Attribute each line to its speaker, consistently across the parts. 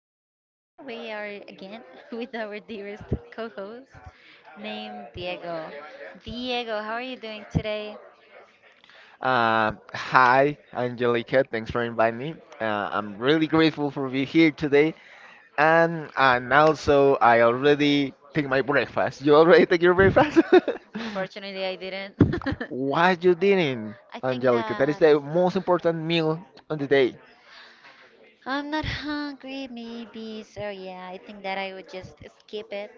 Speaker 1: Today we are again with our dearest co-host named Diego. Diego, how are you doing today?
Speaker 2: Hi, Angelica. Thanks for inviting me. I'm really grateful for being here today. And also, I already take my breakfast. You already take your breakfast?
Speaker 1: Unfortunately, I didn't.
Speaker 2: Why you didn't,
Speaker 1: I think
Speaker 2: Angelica? That is
Speaker 1: that
Speaker 2: the most important meal on the day.
Speaker 1: I'm not hungry, maybe. So yeah, I think that I would just skip it.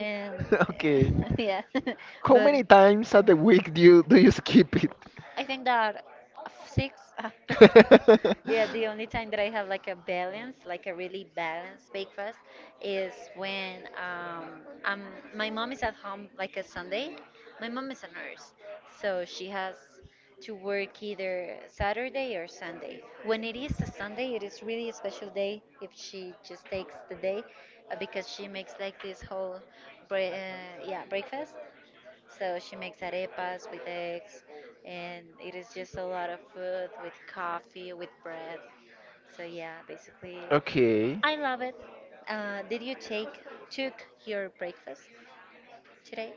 Speaker 1: And
Speaker 2: Okay.
Speaker 1: yeah,
Speaker 2: How
Speaker 1: but
Speaker 2: many times at the week do you skip it?
Speaker 1: I think that six. Yeah, the only time that I have like a balance, like a really balanced breakfast, is when um my mom is at home like a Sunday. My mom is a nurse, so she has to work either Saturday or Sunday. When it is a Sunday, it is really a special day if she just takes the day, because she makes like this whole, yeah, breakfast. So she makes arepas with eggs, and it is just a lot of food with coffee, with bread. So yeah, basically,
Speaker 2: Okay.
Speaker 1: I love it. Did you take took your breakfast today?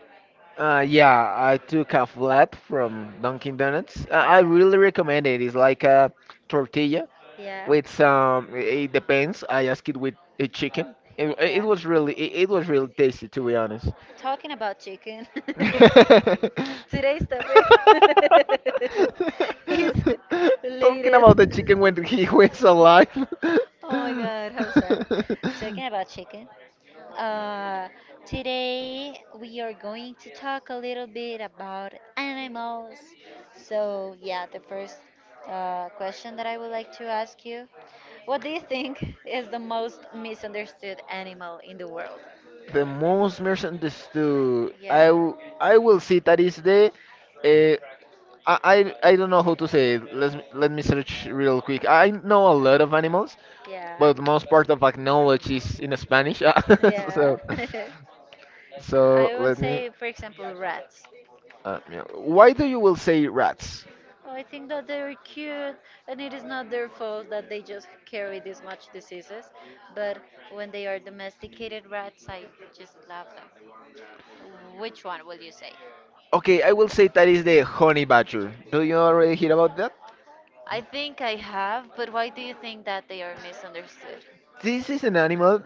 Speaker 2: Yeah, I took a flap from Dunkin' Donuts. I
Speaker 1: Yeah,
Speaker 2: really recommend it. It's like a tortilla
Speaker 1: yeah,
Speaker 2: with some. It depends. I asked it with a chicken. It
Speaker 1: yeah.
Speaker 2: was really it was really tasty to be honest.
Speaker 1: Talking about chicken. Today's topic is
Speaker 2: Talking
Speaker 1: related.
Speaker 2: about the chicken when he was alive.
Speaker 1: Oh my god, how sad. Talking about chicken. Uh, Today we are going to talk a little bit about animals. So, yeah, the first question that I would like to ask you. What do you think is the most misunderstood animal in the world?
Speaker 2: The most misunderstood.
Speaker 1: Yeah,
Speaker 2: I will say that is the uh, I, I don't know how to say it. Let me search real quick. I know a lot of animals,
Speaker 1: yeah,
Speaker 2: but most part of my knowledge is in Spanish.
Speaker 1: yeah.
Speaker 2: so so
Speaker 1: I would
Speaker 2: let me.
Speaker 1: say, for example, rats.
Speaker 2: Yeah. Why do you will say rats?
Speaker 1: Oh, I think that they're cute, and it is not their fault that they just carry this much diseases. But when they are domesticated rats, I just love them. Which one will you say?
Speaker 2: Okay, I will say that is the honey badger. Do you already hear about that?
Speaker 1: I think I have, but why do you think that they are misunderstood?
Speaker 2: This is an animal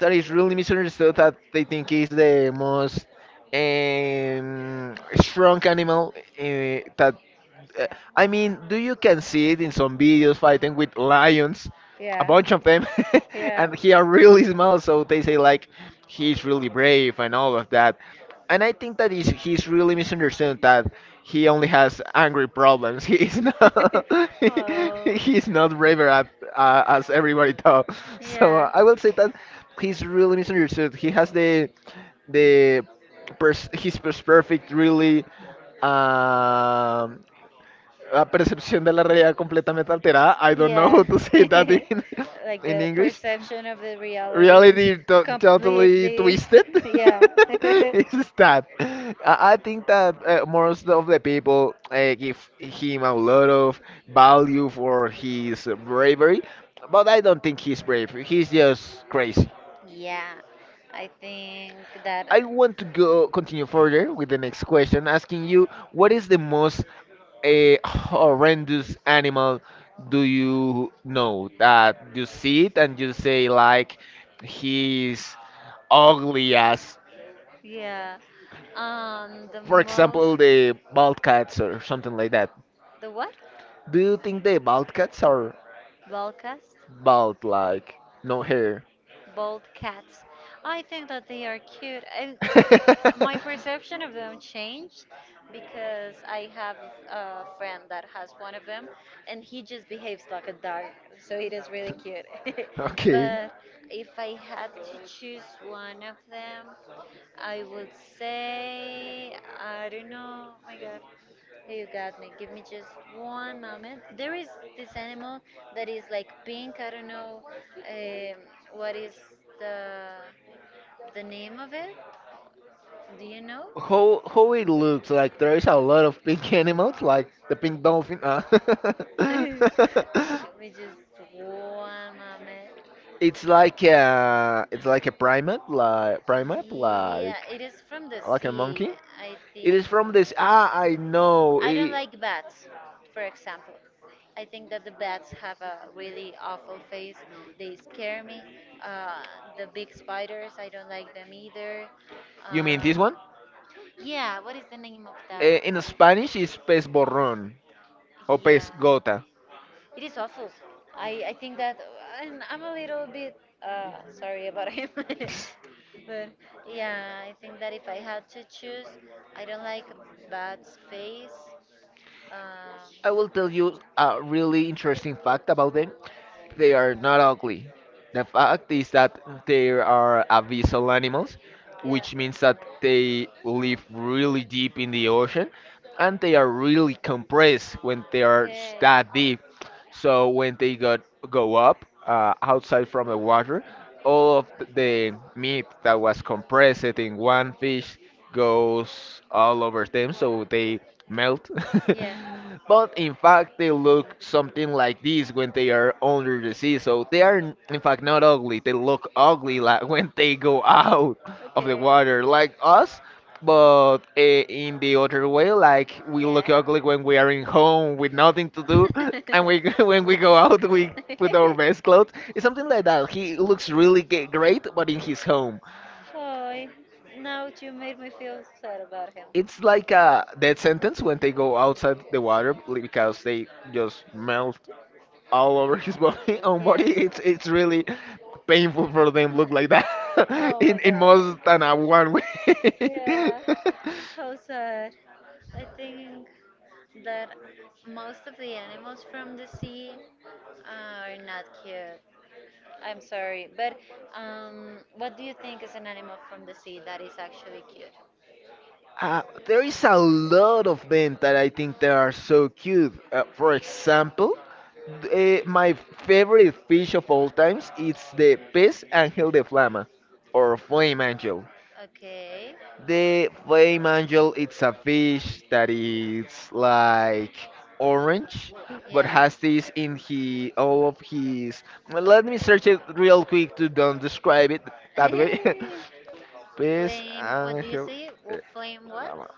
Speaker 2: that is really misunderstood. That they think is the most um, strong animal that uh, do you can see it in some videos fighting with lions, a
Speaker 1: Yeah,
Speaker 2: bunch of them,
Speaker 1: yeah.
Speaker 2: and he are really small, so they say like he's really brave and all of that. And I think that is he's really misunderstood that he only has angry problems. He is not
Speaker 1: Oh.
Speaker 2: he's not braver at, as everybody thought. So
Speaker 1: Yeah.
Speaker 2: I will say that he's really misunderstood. He has the his perfect really um a perception de la realidad completamente alterada. I don't know how
Speaker 1: Yeah.
Speaker 2: to say that in,
Speaker 1: Like
Speaker 2: in
Speaker 1: the
Speaker 2: English.
Speaker 1: perception of the reality is
Speaker 2: Reality totally
Speaker 1: completely,
Speaker 2: twisted.
Speaker 1: yeah.
Speaker 2: It's that. I think that most of the people give him a lot of value for his bravery, but I don't think he's brave. He's just crazy.
Speaker 1: Yeah. I think that,
Speaker 2: I want to go continue further with the next question, asking you what is the most a horrendous animal do you know that you see it and you say like he's ugly as,
Speaker 1: yeah. The
Speaker 2: for
Speaker 1: most,
Speaker 2: example, the bald cats or something like that.
Speaker 1: the what?
Speaker 2: Do you think the bald cats are
Speaker 1: Balcast?
Speaker 2: bald, like no hair?
Speaker 1: Bald cats. I think that they are cute. And my perception of them changed because I have a friend that has one of them and he just behaves like a dog. So it is really cute.
Speaker 2: Okay.
Speaker 1: But if I had to choose one of them, I would say, I don't know, oh my God. Hey, you got me. Give me just one moment. There is this animal that is like pink. I don't know um, what is the the name of it. Do you know?
Speaker 2: How how it looks like there is a lot of pink animals, like the pink dolphin. Ah.
Speaker 1: Give me just one moment.
Speaker 2: It's like a it's like a primate,
Speaker 1: Yeah, it is from the
Speaker 2: like a
Speaker 1: sea,
Speaker 2: monkey.
Speaker 1: I
Speaker 2: It is
Speaker 1: think.
Speaker 2: from this. Ah, I know.
Speaker 1: I don't like bats, for example. I think that the bats have a really awful face. They scare me. Uh, the big spiders, I don't like them either.
Speaker 2: You mean this
Speaker 1: Um,
Speaker 2: one?
Speaker 1: yeah, what is the name of that?
Speaker 2: Eh, in Spanish, it's pez borrón or pez
Speaker 1: Yeah.
Speaker 2: gota.
Speaker 1: It is awful. I think that, and I'm a little bit sorry about him. But yeah, I think that if I had to choose, I don't like bad space. Um,
Speaker 2: I will tell you a really interesting fact about them. They are not ugly. The fact is that they are abyssal animals,
Speaker 1: yeah.
Speaker 2: which means that they live really deep in the ocean and they are really compressed when they are
Speaker 1: Okay.
Speaker 2: that deep. So when they got, go up outside from the water, all of the meat that was compressed in one fish goes all over them, so they melt.
Speaker 1: Yeah.
Speaker 2: But in fact, they look something like this when they are under the sea. So they are, in fact, not ugly. They look ugly like when they go out of the
Speaker 1: Okay.
Speaker 2: water, like us. But in the other way, like we look
Speaker 1: Yeah.
Speaker 2: ugly when we are in home with nothing to do, and we when we go out, we put our best clothes. It's something like that. He looks really great, but in his home.
Speaker 1: Oh, now you made me feel sad about him.
Speaker 2: It's like a death sentence when they go outside the water because they just melt all over his body own
Speaker 1: Yeah.
Speaker 2: body. It's really painful for them look like that
Speaker 1: Oh my
Speaker 2: in
Speaker 1: god.
Speaker 2: most than a one way.
Speaker 1: Yeah. How sad. I think that most of the animals from the sea are not cute. I'm sorry, but what do you think is an animal from the sea that is actually cute?
Speaker 2: There is a lot of them that I think they are so cute, for example, my favorite fish of all times is the pez angel de flama or flame angel.
Speaker 1: Okay.
Speaker 2: The flame angel, it's a fish that is like orange, but
Speaker 1: Yeah.
Speaker 2: has this in he all of his. Well, let me search it real quick to don't describe it that way. Fish
Speaker 1: Flame. What do you
Speaker 2: angel,
Speaker 1: say? Well,
Speaker 2: eh,
Speaker 1: flame. What?
Speaker 2: llama.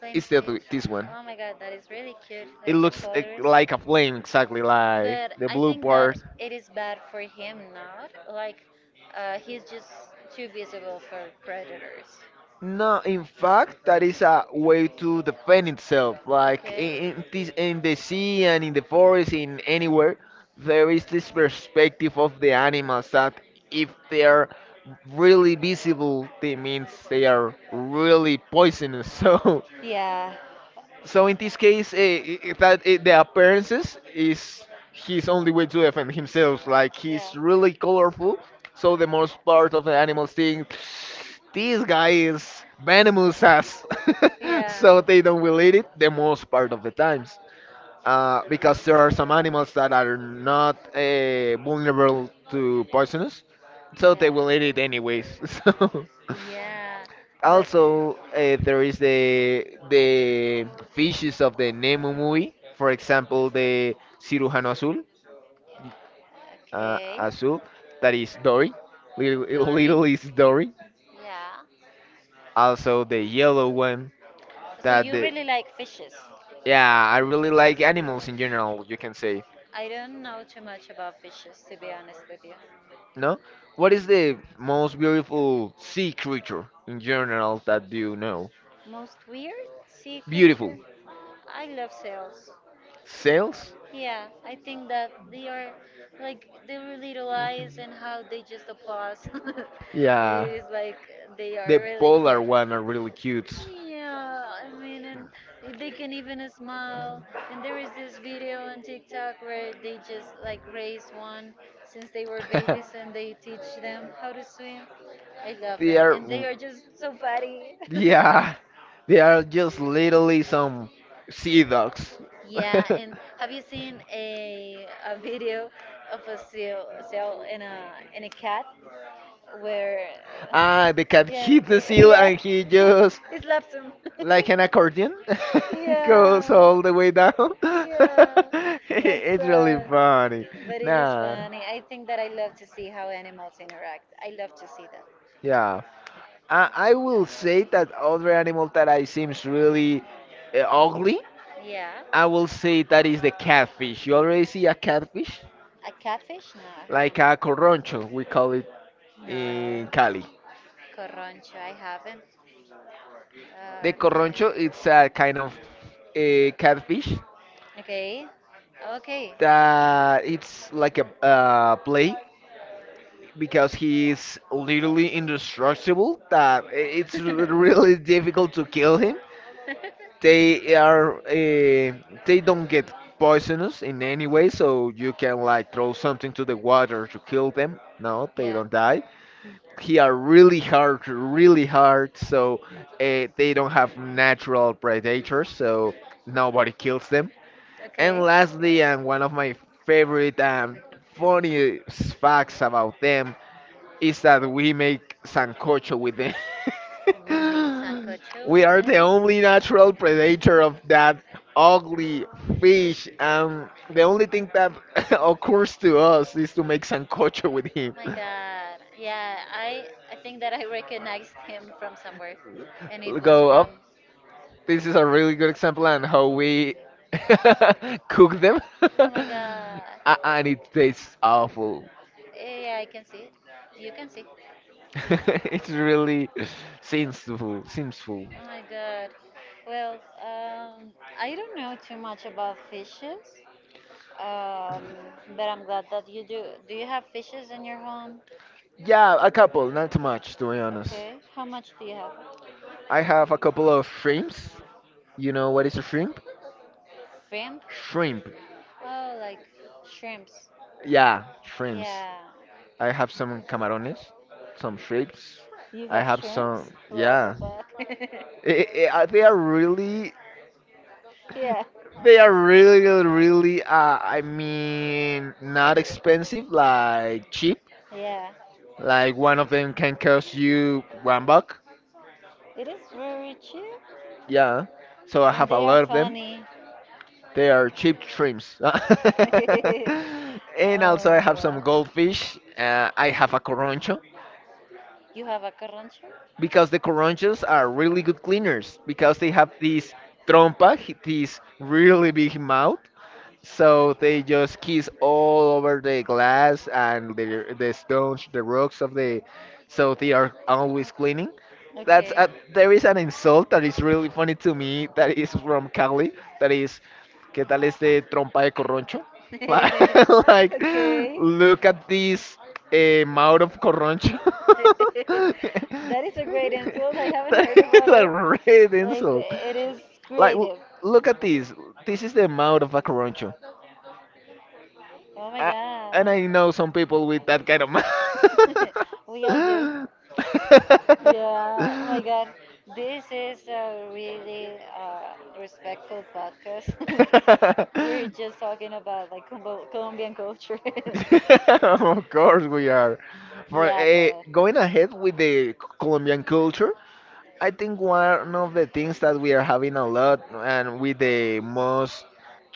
Speaker 1: Flame
Speaker 2: It's the,
Speaker 1: fish.
Speaker 2: this one.
Speaker 1: Oh my god, that is really cute,
Speaker 2: It
Speaker 1: like the
Speaker 2: looks eh,
Speaker 1: colors.
Speaker 2: like a flame, exactly like
Speaker 1: But
Speaker 2: the
Speaker 1: I
Speaker 2: blue
Speaker 1: think
Speaker 2: part.
Speaker 1: that it is bad for him not. Like, he's just too visible for predators.
Speaker 2: No, in fact, that is a way to defend itself. Like
Speaker 1: Okay.
Speaker 2: in this, in the sea and in the forest, in anywhere, there is this perspective of the animals that if they are really visible, they means they are really poisonous. So
Speaker 1: Yeah.
Speaker 2: so in this case, eh, that eh, the appearances is his only way to defend himself. Like
Speaker 1: Yeah.
Speaker 2: he's really colorful, so the most part of the animals think this guy is venomous ass,
Speaker 1: Yeah.
Speaker 2: so they don't
Speaker 1: Yeah.
Speaker 2: will eat it the most part of the times. Because there are some animals that are not vulnerable to poisonous, so they will eat it anyways. So.
Speaker 1: Yeah. But
Speaker 2: Also, there is the fishes of the Nemo movie. For example, the Cirujano Azul,
Speaker 1: okay.
Speaker 2: Azul, that is Dory. Little,
Speaker 1: Dory.
Speaker 2: little is Dory.
Speaker 1: Yeah.
Speaker 2: Also, the yellow one.
Speaker 1: So
Speaker 2: That
Speaker 1: you
Speaker 2: the
Speaker 1: really like fishes?
Speaker 2: yeah, I really like animals in general. You can say
Speaker 1: I don't know too much about fishes, to be honest with you.
Speaker 2: no. What is the most beautiful sea creature in general that you know?
Speaker 1: Most weird sea
Speaker 2: Beautiful.
Speaker 1: creature? I love sails.
Speaker 2: Sails?
Speaker 1: Yeah, I think that they are like their little eyes and how they just applause. It
Speaker 2: Yeah.
Speaker 1: is like they
Speaker 2: The
Speaker 1: are really
Speaker 2: polar
Speaker 1: cute.
Speaker 2: one are really cute.
Speaker 1: Yeah, I mean, and they can even smile. And there is this video on TikTok where they just like raise one since they were babies and they teach them how to swim. I love
Speaker 2: They
Speaker 1: them,
Speaker 2: are,
Speaker 1: and they are just so funny.
Speaker 2: yeah, they are just literally some sea dogs.
Speaker 1: Yeah, and have you seen a video of a seal and a cat where uh,
Speaker 2: Ah, the cat
Speaker 1: yeah,
Speaker 2: hit the seal
Speaker 1: yeah,
Speaker 2: and he just,
Speaker 1: it slaps him.
Speaker 2: like an accordion, goes
Speaker 1: Yeah.
Speaker 2: all the way down.
Speaker 1: Yeah, that's
Speaker 2: It's really
Speaker 1: sad.
Speaker 2: funny.
Speaker 1: But it is
Speaker 2: Nah,
Speaker 1: funny. I think that I love to see how animals interact. I love to see that.
Speaker 2: yeah. I will say that other animal that I seems really ugly.
Speaker 1: Yeah.
Speaker 2: I will say that is the catfish. You already see a catfish?
Speaker 1: A catfish? No, I
Speaker 2: Like
Speaker 1: haven't.
Speaker 2: a coroncho, we call it in
Speaker 1: No.
Speaker 2: Cali.
Speaker 1: Corroncho, I haven't.
Speaker 2: The corroncho, it's a kind of a catfish
Speaker 1: Okay. Okay.
Speaker 2: that it's like a play because he's literally indestructible. That it's
Speaker 1: Okay.
Speaker 2: really difficult to kill him. They are they don't get poisonous in any way, so you can like throw something to the water to kill them. No, they
Speaker 1: yeah.
Speaker 2: don't die. He are really hard, really hard. So they don't have natural predators, so nobody kills them. And
Speaker 1: Okay.
Speaker 2: lastly, and one of my favorite and funny facts about them is that we make sancocho with them.
Speaker 1: We made sancocho
Speaker 2: We
Speaker 1: with
Speaker 2: are the
Speaker 1: them.
Speaker 2: only natural predator of that ugly fish, and the only thing that occurs to us is to make sancocho with him.
Speaker 1: My God. Yeah, I think that I recognized him from somewhere, and it was
Speaker 2: Go
Speaker 1: from.
Speaker 2: up. This is a really good example on how we cook them,
Speaker 1: Oh my God.
Speaker 2: And it tastes awful.
Speaker 1: Yeah, yeah, I can see it. You can see.
Speaker 2: It's really sinful, sinful.
Speaker 1: Oh my God. Well, um, I don't know too much about fishes, um, but I'm glad that you do. Do you have fishes in your home?
Speaker 2: Yeah, a couple, not too much, to be honest.
Speaker 1: Okay. How much do you have?
Speaker 2: I have a couple of shrimps. You know what is a shrimp?
Speaker 1: Shrimp?
Speaker 2: Shrimp.
Speaker 1: Oh, like shrimps.
Speaker 2: Yeah, shrimps.
Speaker 1: Yeah.
Speaker 2: I have some camarones, some shrimps.
Speaker 1: You
Speaker 2: I
Speaker 1: have
Speaker 2: have some.
Speaker 1: shrimps? What the
Speaker 2: Yeah,
Speaker 1: fuck?
Speaker 2: they are really
Speaker 1: Yeah.
Speaker 2: they are really, really, I mean, not expensive, like cheap.
Speaker 1: Yeah.
Speaker 2: Like one of them can cost you one buck.
Speaker 1: It is very cheap.
Speaker 2: Yeah. So I
Speaker 1: And
Speaker 2: have a
Speaker 1: they are
Speaker 2: lot of them.
Speaker 1: funny.
Speaker 2: They are
Speaker 1: Oh
Speaker 2: cheap shrimps.
Speaker 1: my
Speaker 2: And also I have
Speaker 1: god.
Speaker 2: some goldfish. I have a coroncho.
Speaker 1: You have a carrancho?
Speaker 2: Because the Coranchos are really good cleaners because they have this trompa, this really big mouth. So they just kiss all over the glass and the stones, the rocks of the. So they are always cleaning. That's
Speaker 1: Okay.
Speaker 2: a, there is an insult that is really funny to me that is from Cali that is ¿Qué tal este trompa de corroncho? Like, like,
Speaker 1: Okay.
Speaker 2: look at this mouth of Corroncho. That
Speaker 1: That is a great insult. I haven't heard
Speaker 2: is
Speaker 1: about
Speaker 2: a
Speaker 1: it.
Speaker 2: red
Speaker 1: Like,
Speaker 2: insult.
Speaker 1: it is
Speaker 2: Like,
Speaker 1: creative.
Speaker 2: look at this. This is the mouth of a Corroncho.
Speaker 1: Oh my
Speaker 2: Uh, and
Speaker 1: god.
Speaker 2: I know some people with that kind of mouth.
Speaker 1: We all do. Yeah, oh my God, this is a really respectful podcast. We're just talking about like Combo Colombian culture.
Speaker 2: Of course we are. For
Speaker 1: Yeah,
Speaker 2: going ahead with the Colombian culture, I think one of the things that we are having a lot and with the most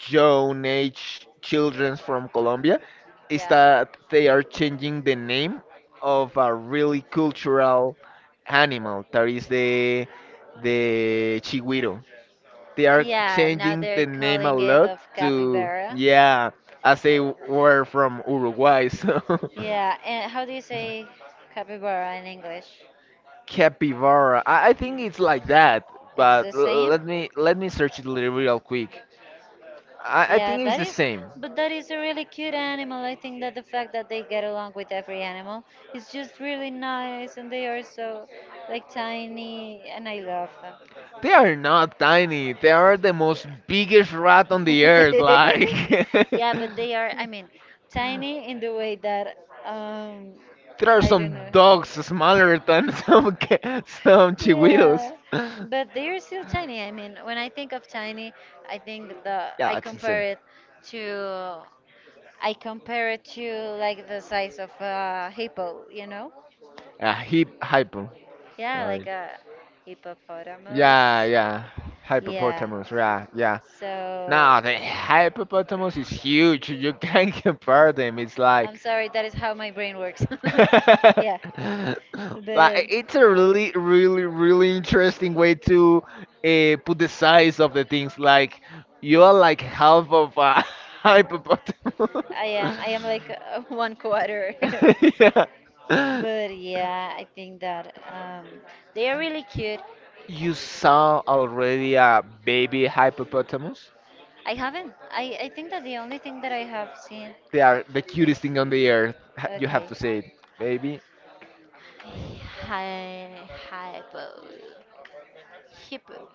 Speaker 2: young age children from Colombia is that they are changing the name
Speaker 1: but
Speaker 2: of a really cultural
Speaker 1: yeah.
Speaker 2: animal that is the chigüiro. They are
Speaker 1: Yeah, now
Speaker 2: changing
Speaker 1: they're
Speaker 2: the name a
Speaker 1: calling it
Speaker 2: lot
Speaker 1: of
Speaker 2: to
Speaker 1: capybara.
Speaker 2: yeah, as they were from Uruguay, so
Speaker 1: Yeah, and how do you say capybara in English?
Speaker 2: capybara. I think it's like that,
Speaker 1: It's
Speaker 2: but
Speaker 1: the same?
Speaker 2: let me search it real quick. I
Speaker 1: Yeah,
Speaker 2: think it's
Speaker 1: that
Speaker 2: the
Speaker 1: is,
Speaker 2: same.
Speaker 1: but that is a really cute animal. I think that the fact that they get along with every animal is just really nice, and they are so like tiny, and I love them.
Speaker 2: They are not tiny. They are the
Speaker 1: Yeah.
Speaker 2: most biggest rat on the earth. Like there
Speaker 1: Yeah, but they are, I mean, tiny in the way that, um,
Speaker 2: are
Speaker 1: I don't
Speaker 2: some
Speaker 1: know.
Speaker 2: dogs smaller than some some chihuahuas.
Speaker 1: Yeah, but they're still tiny. I mean, when I think of tiny, I think the I
Speaker 2: Yeah, it's the
Speaker 1: compare
Speaker 2: same.
Speaker 1: it to I compare it to like the size of a hippo, you know?
Speaker 2: Yeah, hip hypo.
Speaker 1: Yeah, like
Speaker 2: Like
Speaker 1: a hippopotamus.
Speaker 2: yeah, yeah,
Speaker 1: Yeah.
Speaker 2: hippopotamus. Yeah, yeah. No,
Speaker 1: So
Speaker 2: the hippopotamus is huge. You can't compare them. It's
Speaker 1: I'm
Speaker 2: like,
Speaker 1: sorry, that is how my brain works.
Speaker 2: like
Speaker 1: Yeah, but
Speaker 2: it's a really, really, really interesting way to put the size of the things. Like you are like half of a hippopotamus.
Speaker 1: I am. I am like one quarter.
Speaker 2: Yeah.
Speaker 1: But yeah, I think that they are really cute.
Speaker 2: You saw already a baby hippopotamus?
Speaker 1: I haven't. I think that the only thing that I have seen
Speaker 2: They are the
Speaker 1: is
Speaker 2: cutest thing on the earth. You have
Speaker 1: okay.
Speaker 2: to say it, baby.
Speaker 1: Hi, hypo, hippo.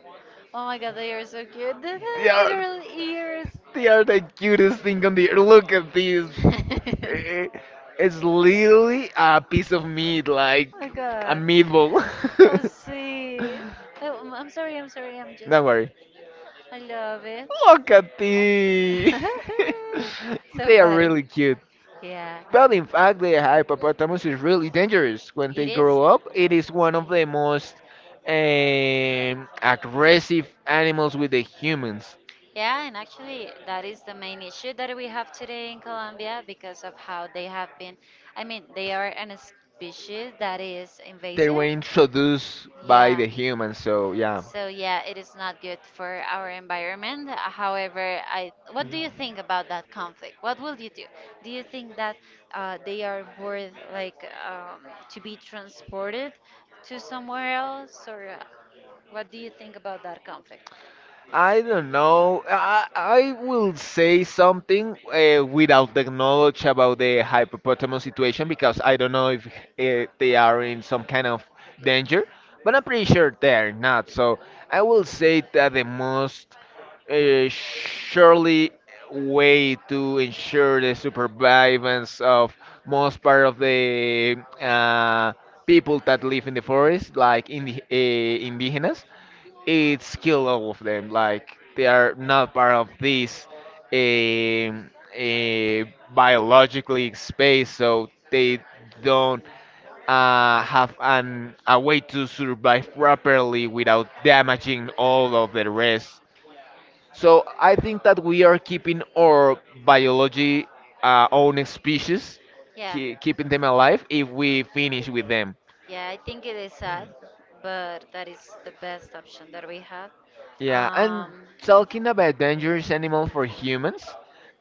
Speaker 1: Oh my god, they are so cute. These
Speaker 2: They
Speaker 1: are
Speaker 2: are
Speaker 1: literal ears.
Speaker 2: they are the cutest thing on the earth. Look at this.
Speaker 1: Oh
Speaker 2: Eh, eh, It's literally a piece of meat, like
Speaker 1: my
Speaker 2: a
Speaker 1: god.
Speaker 2: meatball.
Speaker 1: How sweet. Oh, I'm sorry, I'm sorry, I'm just.
Speaker 2: Don't worry.
Speaker 1: I love it.
Speaker 2: Look at these.
Speaker 1: So
Speaker 2: They are
Speaker 1: funny.
Speaker 2: really cute.
Speaker 1: Yeah.
Speaker 2: But in fact, the hippopotamus is really dangerous. When
Speaker 1: It
Speaker 2: they
Speaker 1: is.
Speaker 2: grow up, it is one of the most aggressive animals with the humans.
Speaker 1: Yeah, and actually, that is the main issue that we have today in Colombia because of how they have been. I mean, they are an species that is
Speaker 2: They were
Speaker 1: invasive.
Speaker 2: introduced by
Speaker 1: Yeah.
Speaker 2: the humans, so yeah.
Speaker 1: So yeah, it is not good for our environment. However, I what do you think about that conflict? What will you do? Do you think that they are worth like to be transported to somewhere else, or what do you think about that conflict?
Speaker 2: I don't know. I will say something without the knowledge about the hippopotamus situation because I don't know if they are in some kind of danger, but I'm pretty sure they're not. So I will say that the most surely way to ensure the survivance of most part of the people that live in the forest, like in the, indigenous, it's kill all of them. Like they are not part of this um uh, biologically space, so they don't have an a way to survive properly without damaging all of the rest. So I think that we are keeping our biology own species,
Speaker 1: Yeah,
Speaker 2: keeping them alive if we finish with them.
Speaker 1: yeah, I think it is sad, but that is the best option that we have.
Speaker 2: Yeah, and
Speaker 1: Um,
Speaker 2: talking about dangerous animal for humans,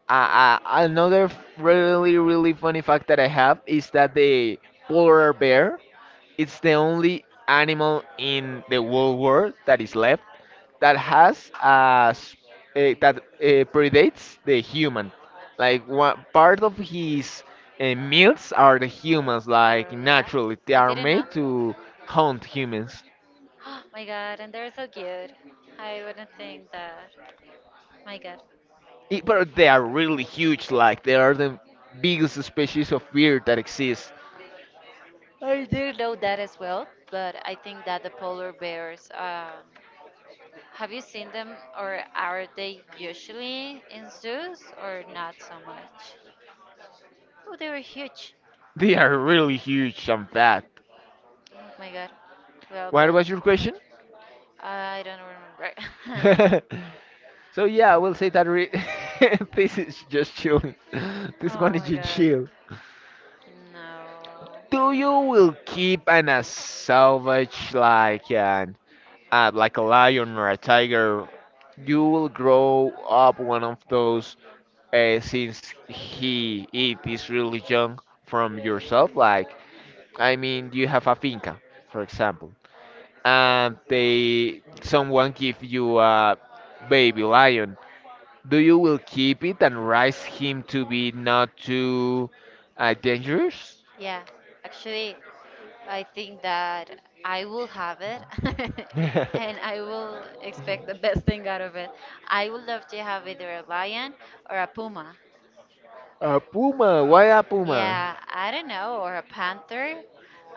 Speaker 2: another really really funny fact that I have is that the polar bear is the only animal in the whole world that is left that has a s- eh, that predates the human. Like one part of his meals are the humans. Like
Speaker 1: Or, yeah,
Speaker 2: naturally, they
Speaker 1: I
Speaker 2: are
Speaker 1: didn't know.
Speaker 2: made to hunt humans.
Speaker 1: Oh my god, and they're so cute. I wouldn't think that. My god.
Speaker 2: But they are really huge, like they are the biggest species of bear that exists.
Speaker 1: I didn't know that as well, but I think that the polar bears, have you seen them or are they usually in zoos or not so much? Oh, they were huge.
Speaker 2: They are really huge and fat.
Speaker 1: Oh my god. Well,
Speaker 2: What
Speaker 1: but
Speaker 2: was your question?
Speaker 1: I don't remember.
Speaker 2: so yeah, I will say that re- this is just chilling. This
Speaker 1: Oh
Speaker 2: one is
Speaker 1: my
Speaker 2: just
Speaker 1: god.
Speaker 2: chill.
Speaker 1: No.
Speaker 2: Do you will keep an a salvage like an like a lion or a tiger? You will grow up one of those since he it is really young from yourself. Like I mean, you have a finca, for example, and they someone give you a baby lion. Do you will keep it and raise him to be not too dangerous?
Speaker 1: Yeah, actually, I think that I will have it
Speaker 2: A
Speaker 1: and I will expect the best thing out of it. I would love to have either a lion or a puma.
Speaker 2: puma? Why a puma?
Speaker 1: Yeah, I don't know, or a panther.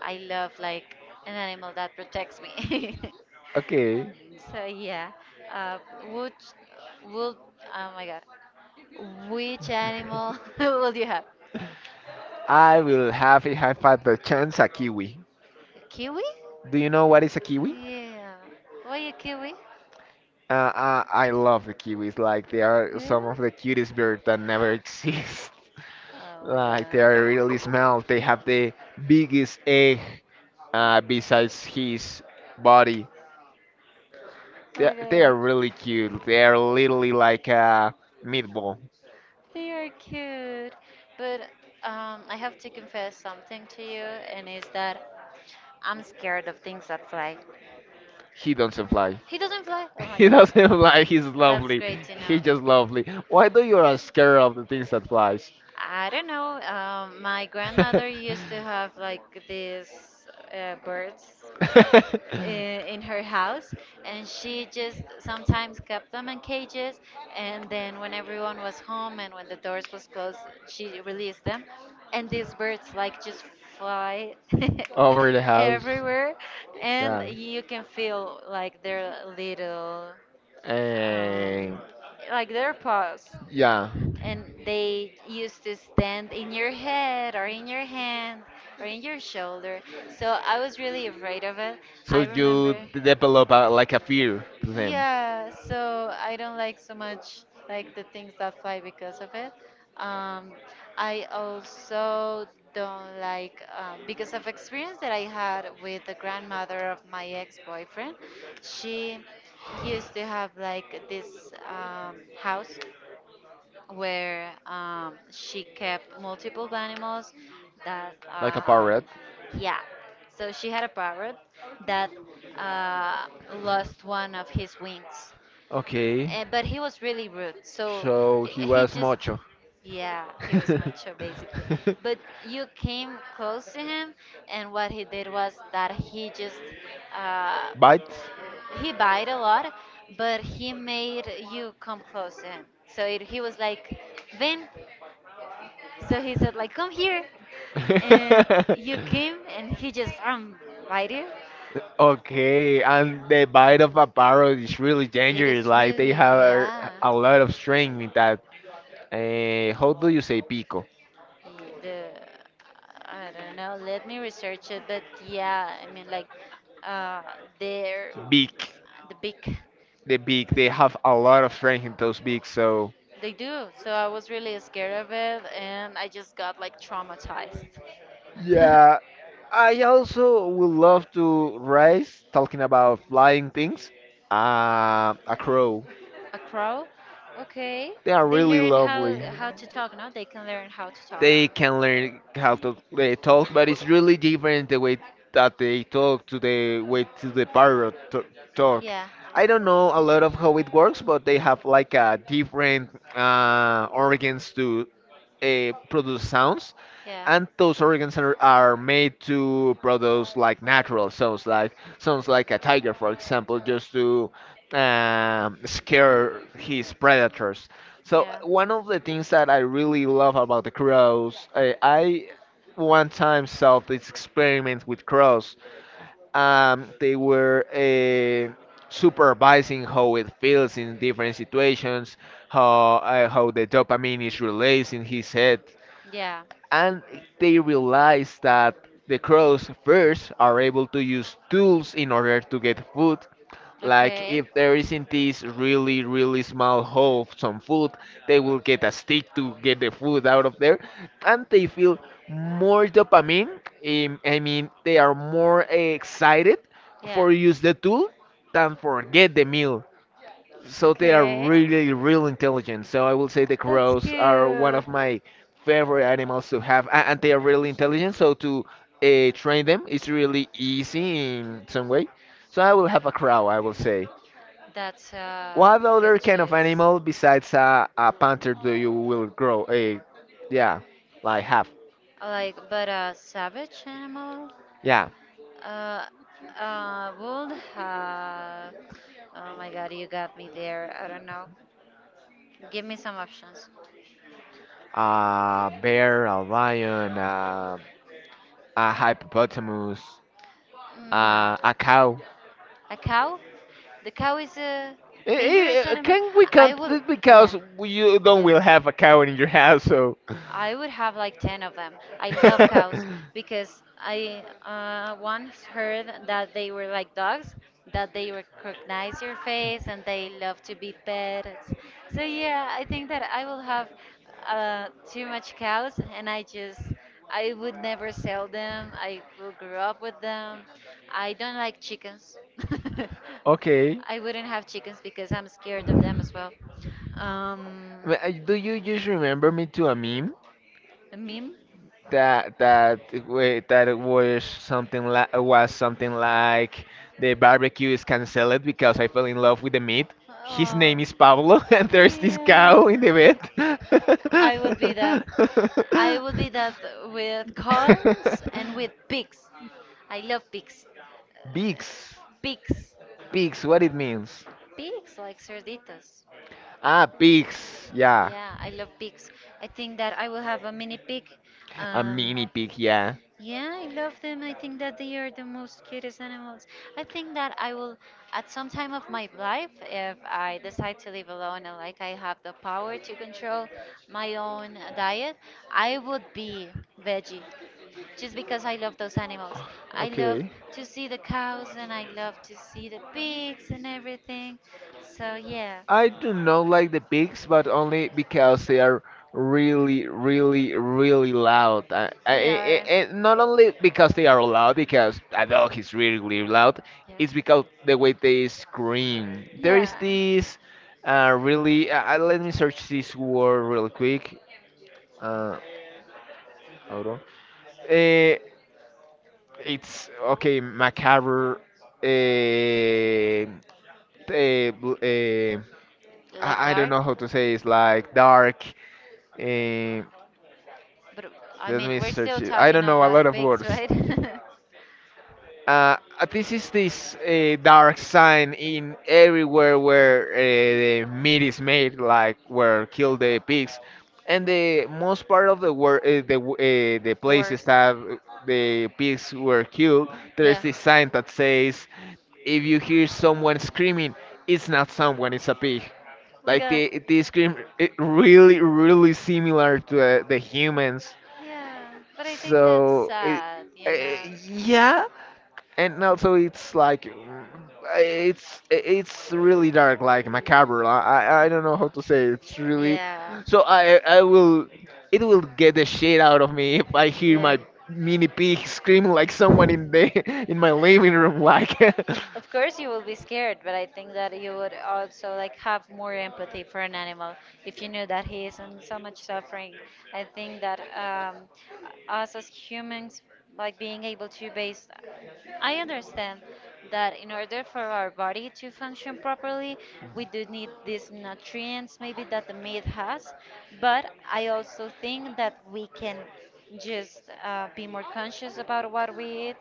Speaker 1: I love like an animal that protects me.
Speaker 2: Okay,
Speaker 1: So yeah, uh, would would oh my god, which animal would you have?
Speaker 2: I will have if I had the chance a kiwi.
Speaker 1: A Kiwi?
Speaker 2: Do you know what is a kiwi?
Speaker 1: Yeah. Why a kiwi?
Speaker 2: I love the kiwis. Like they are
Speaker 1: Yeah.
Speaker 2: some of the cutest birds that never exist.
Speaker 1: Oh my
Speaker 2: Like they are
Speaker 1: god.
Speaker 2: really small. They have the biggest egg besides his body.
Speaker 1: Oh
Speaker 2: They,
Speaker 1: my
Speaker 2: they are
Speaker 1: god.
Speaker 2: really cute. They are literally like a meatball.
Speaker 1: They are cute, but I have to confess something to you, and is that I'm scared of things that fly.
Speaker 2: He doesn't fly.
Speaker 1: He doesn't fly. Oh my
Speaker 2: He
Speaker 1: god.
Speaker 2: doesn't fly. He's
Speaker 1: That's
Speaker 2: lovely.
Speaker 1: great to know.
Speaker 2: He's just lovely. Why do you are scared of the things that flies?
Speaker 1: I don't know. My grandmother used to have like these birds i- in her house, and she just sometimes kept them in cages. And then when everyone was home and when the doors was closed, she released them, and these birds like just fly
Speaker 2: Over the house.
Speaker 1: everywhere, and
Speaker 2: Yeah.
Speaker 1: you can feel like their little um,
Speaker 2: And
Speaker 1: like their paws
Speaker 2: yeah.
Speaker 1: and they used to stand in your head or in your hand or in your shoulder. So I was really afraid of it.
Speaker 2: So
Speaker 1: I
Speaker 2: you
Speaker 1: remember,
Speaker 2: develop a, like a fear to them,
Speaker 1: yeah, so I don't like so much like the things that fly because of it. Um, I also don't like because of experience that I had with the grandmother of my ex-boyfriend. She used to have like this house where she kept multiple animals that
Speaker 2: like a parrot.
Speaker 1: yeah, so she had a parrot that uh, lost one of his wings.
Speaker 2: Okay.
Speaker 1: Eh, but he was really rude, so
Speaker 2: So
Speaker 1: he,
Speaker 2: he
Speaker 1: he
Speaker 2: was
Speaker 1: just
Speaker 2: macho.
Speaker 1: yeah, he was macho basically. But you came close to him, and what he did was that he just uh,
Speaker 2: Bites?
Speaker 1: he bite a lot, but he made you come close to him. So it, he was like, Ben. So he said like, come here, and you came, and he just bite you.
Speaker 2: Okay, and the bite of a parrot is really
Speaker 1: It
Speaker 2: dangerous.
Speaker 1: is
Speaker 2: Like they
Speaker 1: really,
Speaker 2: have
Speaker 1: yeah.
Speaker 2: a lot of strength with that. How do you say pico?
Speaker 1: Y- The I don't know. Let me research it, but yeah, I mean like, uh, they're
Speaker 2: Beak.
Speaker 1: the big.
Speaker 2: The beak. They have a lot of strength in those beaks. So
Speaker 1: They do. So I was really scared of it, and I just got like traumatized.
Speaker 2: yeah, I also would love to race talking about flying things. A crow.
Speaker 1: A crow? Okay.
Speaker 2: They are
Speaker 1: They
Speaker 2: really
Speaker 1: learn how
Speaker 2: lovely.
Speaker 1: how to talk, no? They can learn how to talk.
Speaker 2: They can learn how to they talk, but it's really different the way that they talk to the way to the talk.
Speaker 1: Yeah.
Speaker 2: I don't know a lot of how it works, but they have like a different organs to produce sounds,
Speaker 1: Yeah.
Speaker 2: and those organs are made to produce like natural sounds like a tiger, for example, just to scare his predators. So
Speaker 1: Yeah.
Speaker 2: one of the things that I really love about the crows, I one time saw this experiment with crows. They were supervising how it feels in different situations, how the dopamine is released in his head
Speaker 1: Yeah.
Speaker 2: and they realize that the crows first are able to use tools in order to get food. Like
Speaker 1: Okay. Yeah.
Speaker 2: if there is in
Speaker 1: Okay.
Speaker 2: this really really small hole of some food, they will get a stick to get the food out of there, and they feel more dopamine. I mean, they are more excited for use the tool than forget the meal. So they are really, real intelligent. So I will say the
Speaker 1: That's
Speaker 2: crows are one
Speaker 1: cute.
Speaker 2: of my favorite animals to have, and they are really intelligent. So to train them is really easy in some way. So I will have a crow, I will say.
Speaker 1: That's a
Speaker 2: What other
Speaker 1: good
Speaker 2: kind of
Speaker 1: choice.
Speaker 2: animal besides a panther do you will grow? A, yeah, like have.
Speaker 1: Like, but a savage animal?
Speaker 2: Yeah,
Speaker 1: Uh, would have. Oh my god, you got me there. I don't know. Give me some options.
Speaker 2: a bear, a lion, a hippopotamus,
Speaker 1: Not
Speaker 2: a cow.
Speaker 1: a cow. The cow is a dangerous animal.
Speaker 2: Can we
Speaker 1: I
Speaker 2: count
Speaker 1: will.
Speaker 2: this
Speaker 1: Yeah,
Speaker 2: because you don't
Speaker 1: yeah.
Speaker 2: will have a cow in your house, so.
Speaker 1: I would have like 10 of them. I love cows because I once heard that they were like dogs, that they recognize your face and they love to be petted. So, yeah, I think that I will have too much cows, and I just, I would never sell them. I will grow up with them. I don't like chickens.
Speaker 2: Okay.
Speaker 1: I wouldn't have chickens because I'm scared of them as well. Um,
Speaker 2: Do you just remember me to a meme
Speaker 1: a meme?
Speaker 2: that it was something like the barbecue is cancelled because I fell in love with the meat. His
Speaker 1: Oh.
Speaker 2: name is Pablo, and there's this
Speaker 1: Yeah.
Speaker 2: cow in the
Speaker 1: I would be that. I would be
Speaker 2: bed.
Speaker 1: that with cows and with pigs. I love pigs.
Speaker 2: Bigs,
Speaker 1: Pigs.
Speaker 2: bigs, what it means?
Speaker 1: Pigs like cerditos.
Speaker 2: Ah, pigs. Yeah,
Speaker 1: Yeah, I love pigs. I think that I will have a mini pig.
Speaker 2: a
Speaker 1: Um,
Speaker 2: mini pig. Yeah.
Speaker 1: Yeah, I love them. I think that they are the most cutest animals. I think that I will, at some time of my life, if I decide to live alone and like I have the power to control my own diet, I would be veggie just because I love those animals. I love
Speaker 2: Okay.
Speaker 1: to see the cows and I love to see the pigs and everything. So, yeah,
Speaker 2: I do not like the pigs, but only because they are really, really, really loud.
Speaker 1: they are.
Speaker 2: Not only because they are loud, because a dog is really really loud. It's
Speaker 1: Yeah.
Speaker 2: because the way they scream. There is
Speaker 1: Yeah.
Speaker 2: this really. Let me search this word real quick. Uh, Hold on. Eh, it's okay. Macabre. Uh, eh, bl- eh,
Speaker 1: Like
Speaker 2: I don't know
Speaker 1: dark.
Speaker 2: how to say it's like dark. eh,
Speaker 1: But I
Speaker 2: let
Speaker 1: mean,
Speaker 2: me
Speaker 1: we're
Speaker 2: search
Speaker 1: still
Speaker 2: it. I
Speaker 1: talking
Speaker 2: don't know a lot
Speaker 1: about
Speaker 2: of
Speaker 1: pigs,
Speaker 2: words.
Speaker 1: right?
Speaker 2: This is this dark sign in everywhere where the meat is made, like where kill the pigs, and the most part of the the
Speaker 1: The
Speaker 2: places
Speaker 1: worst.
Speaker 2: that the pigs were killed. There's
Speaker 1: Yeah.
Speaker 2: this sign that says, "If you hear someone screaming, it's not someone, it's a pig."
Speaker 1: Oh my
Speaker 2: Like
Speaker 1: god.
Speaker 2: they scream it really really similar to the humans.
Speaker 1: Yeah. But I think that's
Speaker 2: So it,
Speaker 1: sad, you know?
Speaker 2: yeah, and also it's like it's really dark, like macabre. I don't know how to say it. It's really.
Speaker 1: Yeah.
Speaker 2: So I will it will get the shit out of me if I hear
Speaker 1: Yeah.
Speaker 2: my mini pig screaming like someone in the in my living room like.
Speaker 1: Of course, you will be scared, but I think that you would also like have more empathy for an animal if you knew that he is in so much suffering. I think that us as humans, like being able to base, I understand that in order for our body to function properly, we do need these nutrients maybe that the meat has, but I also think that we can just be more conscious about what we eat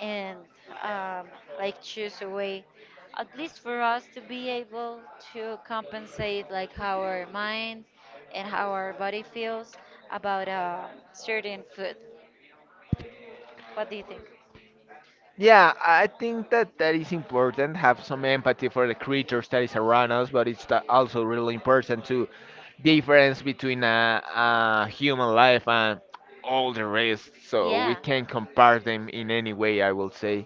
Speaker 1: and um, like choose a way at least for us to be able to compensate like how our mind and how our body feels about certain food, what do you think?
Speaker 2: Yeah, I think that that is important. Have some empathy for the creatures that is around us, but it's also really important to difference between a human life and all the rest. So we
Speaker 1: Yeah,
Speaker 2: can't compare them in any way. I will say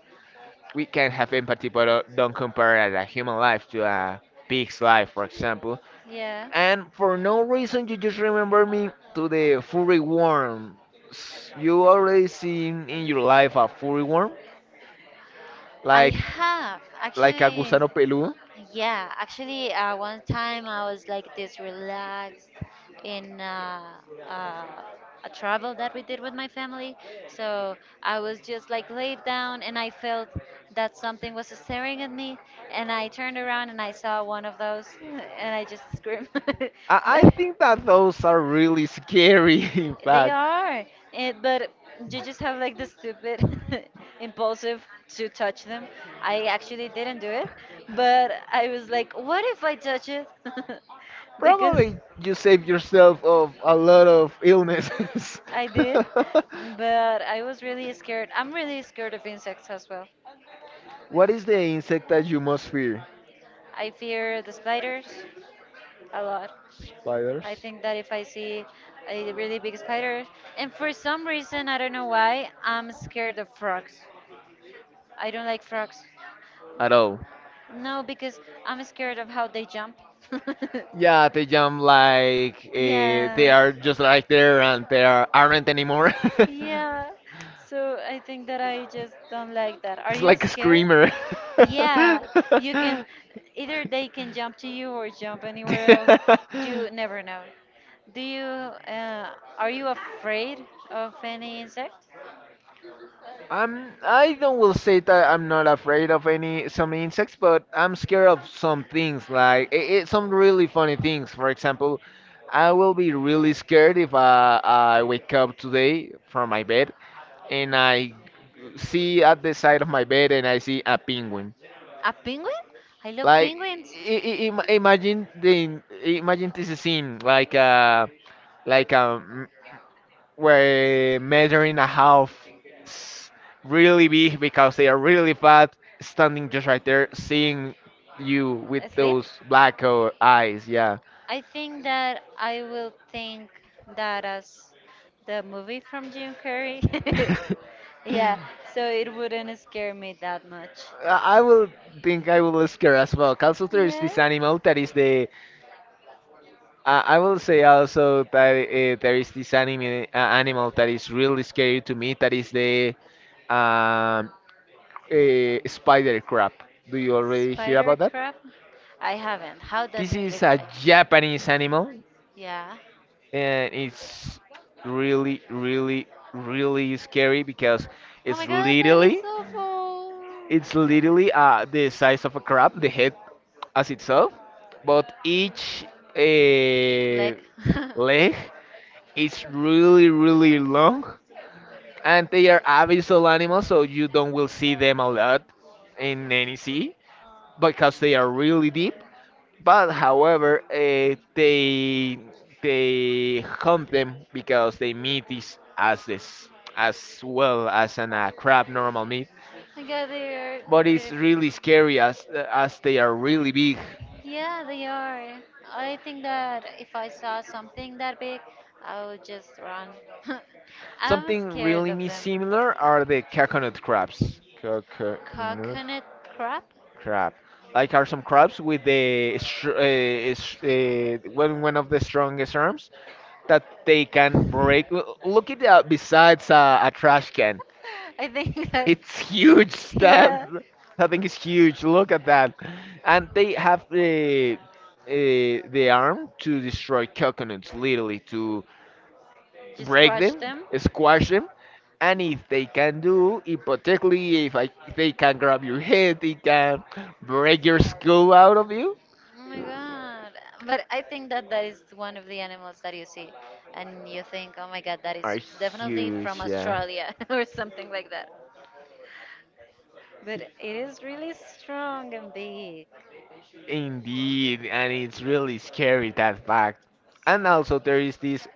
Speaker 2: we can have empathy, but don't compare a human life to a pig's life, for example.
Speaker 1: yeah,
Speaker 2: And for no reason, you just remember me to the furry worm. You already seen in your life a furry worm?
Speaker 1: I
Speaker 2: Like
Speaker 1: have
Speaker 2: like a
Speaker 1: actually.
Speaker 2: gusano peludo.
Speaker 1: Yeah, actually, one time I was like this relaxed in uh, a travel that we did with my family. So I was just like laid down and I felt that something was staring at me. And I turned around and I saw one of those and I just screamed.
Speaker 2: I
Speaker 1: But
Speaker 2: think that those are really scary, in
Speaker 1: they
Speaker 2: fact.
Speaker 1: are, and, but you just have like the stupid impulsive to touch them. I actually didn't do it, but I was like, what if I touch it? Because
Speaker 2: Probably you save yourself of a lot of illnesses.
Speaker 1: I did, but I was really scared. I'm really scared of insects as well.
Speaker 2: What is the insect that you most fear?
Speaker 1: I fear the spiders a lot. I
Speaker 2: Spiders?
Speaker 1: think that if I see a really big spider, and for some reason, I don't know why, I'm scared of frogs. I don't like frogs.
Speaker 2: At all.
Speaker 1: No, because I'm scared of how they jump.
Speaker 2: Yeah, they jump like they
Speaker 1: Yeah.
Speaker 2: are just like there and they are, aren't anymore.
Speaker 1: Yeah. So I think that I just don't like that. Are
Speaker 2: It's
Speaker 1: you
Speaker 2: like a
Speaker 1: scared?
Speaker 2: screamer.
Speaker 1: Yeah. You can either they can jump to you or jump anywhere else. You never know. Do you are you afraid of any insect?
Speaker 2: I'm, I don't will say that I'm not afraid of any some insects, but I'm scared of some things like I some really funny things. For example, I will be really scared if I wake up today from my bed and I see at the side of my bed and I see a penguin.
Speaker 1: A penguin? I love
Speaker 2: Like
Speaker 1: penguins.
Speaker 2: imagine the imagine this scene like a where measuring a half s- really big because they are really fat standing just right there seeing you with
Speaker 1: Asleep?
Speaker 2: those black eyes, yeah.
Speaker 1: I think that I will think that as the movie from Jim Carrey. Yeah, so it wouldn't scare me that much.
Speaker 2: I will think I will ask her as well. Also, there is
Speaker 1: Yeah,
Speaker 2: this animal that is the. I will say also that there is this anime animal that is really scary to me. That is the um, spider crab. Do you already hear
Speaker 1: spider
Speaker 2: about that?
Speaker 1: crab. I haven't. How does
Speaker 2: This
Speaker 1: it
Speaker 2: is
Speaker 1: look
Speaker 2: a
Speaker 1: like?
Speaker 2: Japanese animal,
Speaker 1: Yeah.
Speaker 2: and it's really, really, really scary because
Speaker 1: Oh my
Speaker 2: it's
Speaker 1: god, that is
Speaker 2: literally
Speaker 1: awful.
Speaker 2: It's literally the size of a crab, the head as itself, but each uh,
Speaker 1: Leg. Oh
Speaker 2: leg is really, really long, and they are abyssal animals, so you don't will see them a lot in any sea because they are really deep. But however, they hunt them because they meat is as this as well as an crab normal meat,
Speaker 1: my god, they are
Speaker 2: but it's
Speaker 1: really.
Speaker 2: really scary as they are really big.
Speaker 1: Yeah, they are. I think that if I saw something that big, I would just run. I'm
Speaker 2: Something
Speaker 1: scared
Speaker 2: really
Speaker 1: of
Speaker 2: me
Speaker 1: them.
Speaker 2: similar are the coconut crabs. Coconut
Speaker 1: Coconut crab?
Speaker 2: crab, like are some crabs with the one one of the strongest arms that they can break. Look at that. Besides a trash can,
Speaker 1: I think that,
Speaker 2: it's huge. That
Speaker 1: yeah,
Speaker 2: I think it's huge. Look at that, and they have uh, the arm to destroy coconuts, literally to
Speaker 1: just
Speaker 2: break
Speaker 1: crush
Speaker 2: them,
Speaker 1: them.
Speaker 2: squash them, and if they can do, hypothetically, if they can grab your head, they can break your skull out of you,
Speaker 1: Oh my god. But I think that that is one of the animals that you see and you think, oh my god, that
Speaker 2: are
Speaker 1: is definitely from
Speaker 2: huge, yeah.
Speaker 1: Australia or something like that. But it is really strong and big.
Speaker 2: Indeed, and it's really scary that fact. And also, there is this,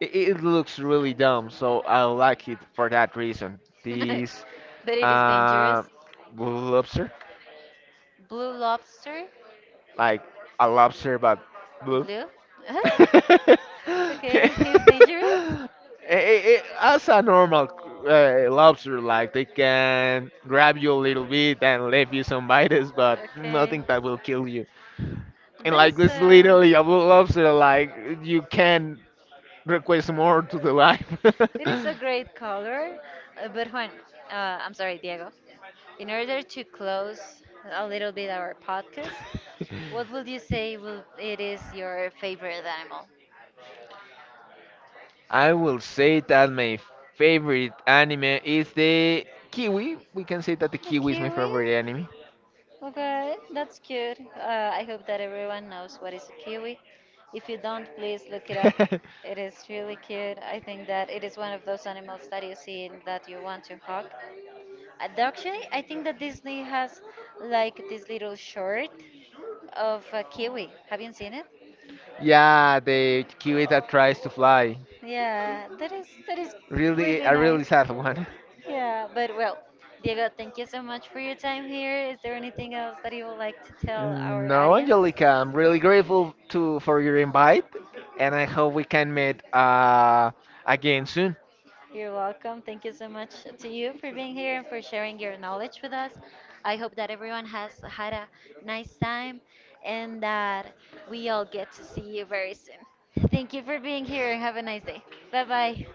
Speaker 2: it looks really dumb, so I like it for that reason. This
Speaker 1: But it is
Speaker 2: uh,
Speaker 1: dangerous.
Speaker 2: lobster,
Speaker 1: Blue lobster?
Speaker 2: like a lobster, but blue.
Speaker 1: Blue?
Speaker 2: It,
Speaker 1: Okay, he's dangerous?
Speaker 2: as a normal lobster, like they can grab you a little bit and leave you some bites, but
Speaker 1: Okay.
Speaker 2: nothing that will kill you. And
Speaker 1: That
Speaker 2: like
Speaker 1: is
Speaker 2: this
Speaker 1: a.
Speaker 2: literally a blue lobster, like you can request more to the life.
Speaker 1: It is a great color, but when. Uh, I'm sorry, Diego. In order to close a little bit our podcast, what would you say will, it is your favorite animal?
Speaker 2: I will say that my favorite anime is the Kiwi. We can say that the
Speaker 1: The
Speaker 2: Kiwi is my
Speaker 1: kiwi?
Speaker 2: favorite anime.
Speaker 1: Okay, that's cute. I hope that everyone knows what is a kiwi. If you don't, please look it up. It is really cute. I think that it is one of those animals that you see and that you want to hug. Actually, I think that Disney has like this little short of a kiwi. Have you seen it?
Speaker 2: Yeah, the Kiwi that tries to fly.
Speaker 1: Yeah, that is
Speaker 2: Really,
Speaker 1: really
Speaker 2: a really
Speaker 1: nice.
Speaker 2: sad one.
Speaker 1: Yeah, but well, Diego, thank you so much for your time here. Is there anything else that you would like to tell our
Speaker 2: No,
Speaker 1: audience?
Speaker 2: Angelica, I'm really grateful to for your invite, and I hope we can meet again soon.
Speaker 1: You're welcome. Thank you so much to you for being here and for sharing your knowledge with us. I hope that everyone has had a nice time and that we all get to see you very soon. Thank you for being here and have a nice day. Bye bye.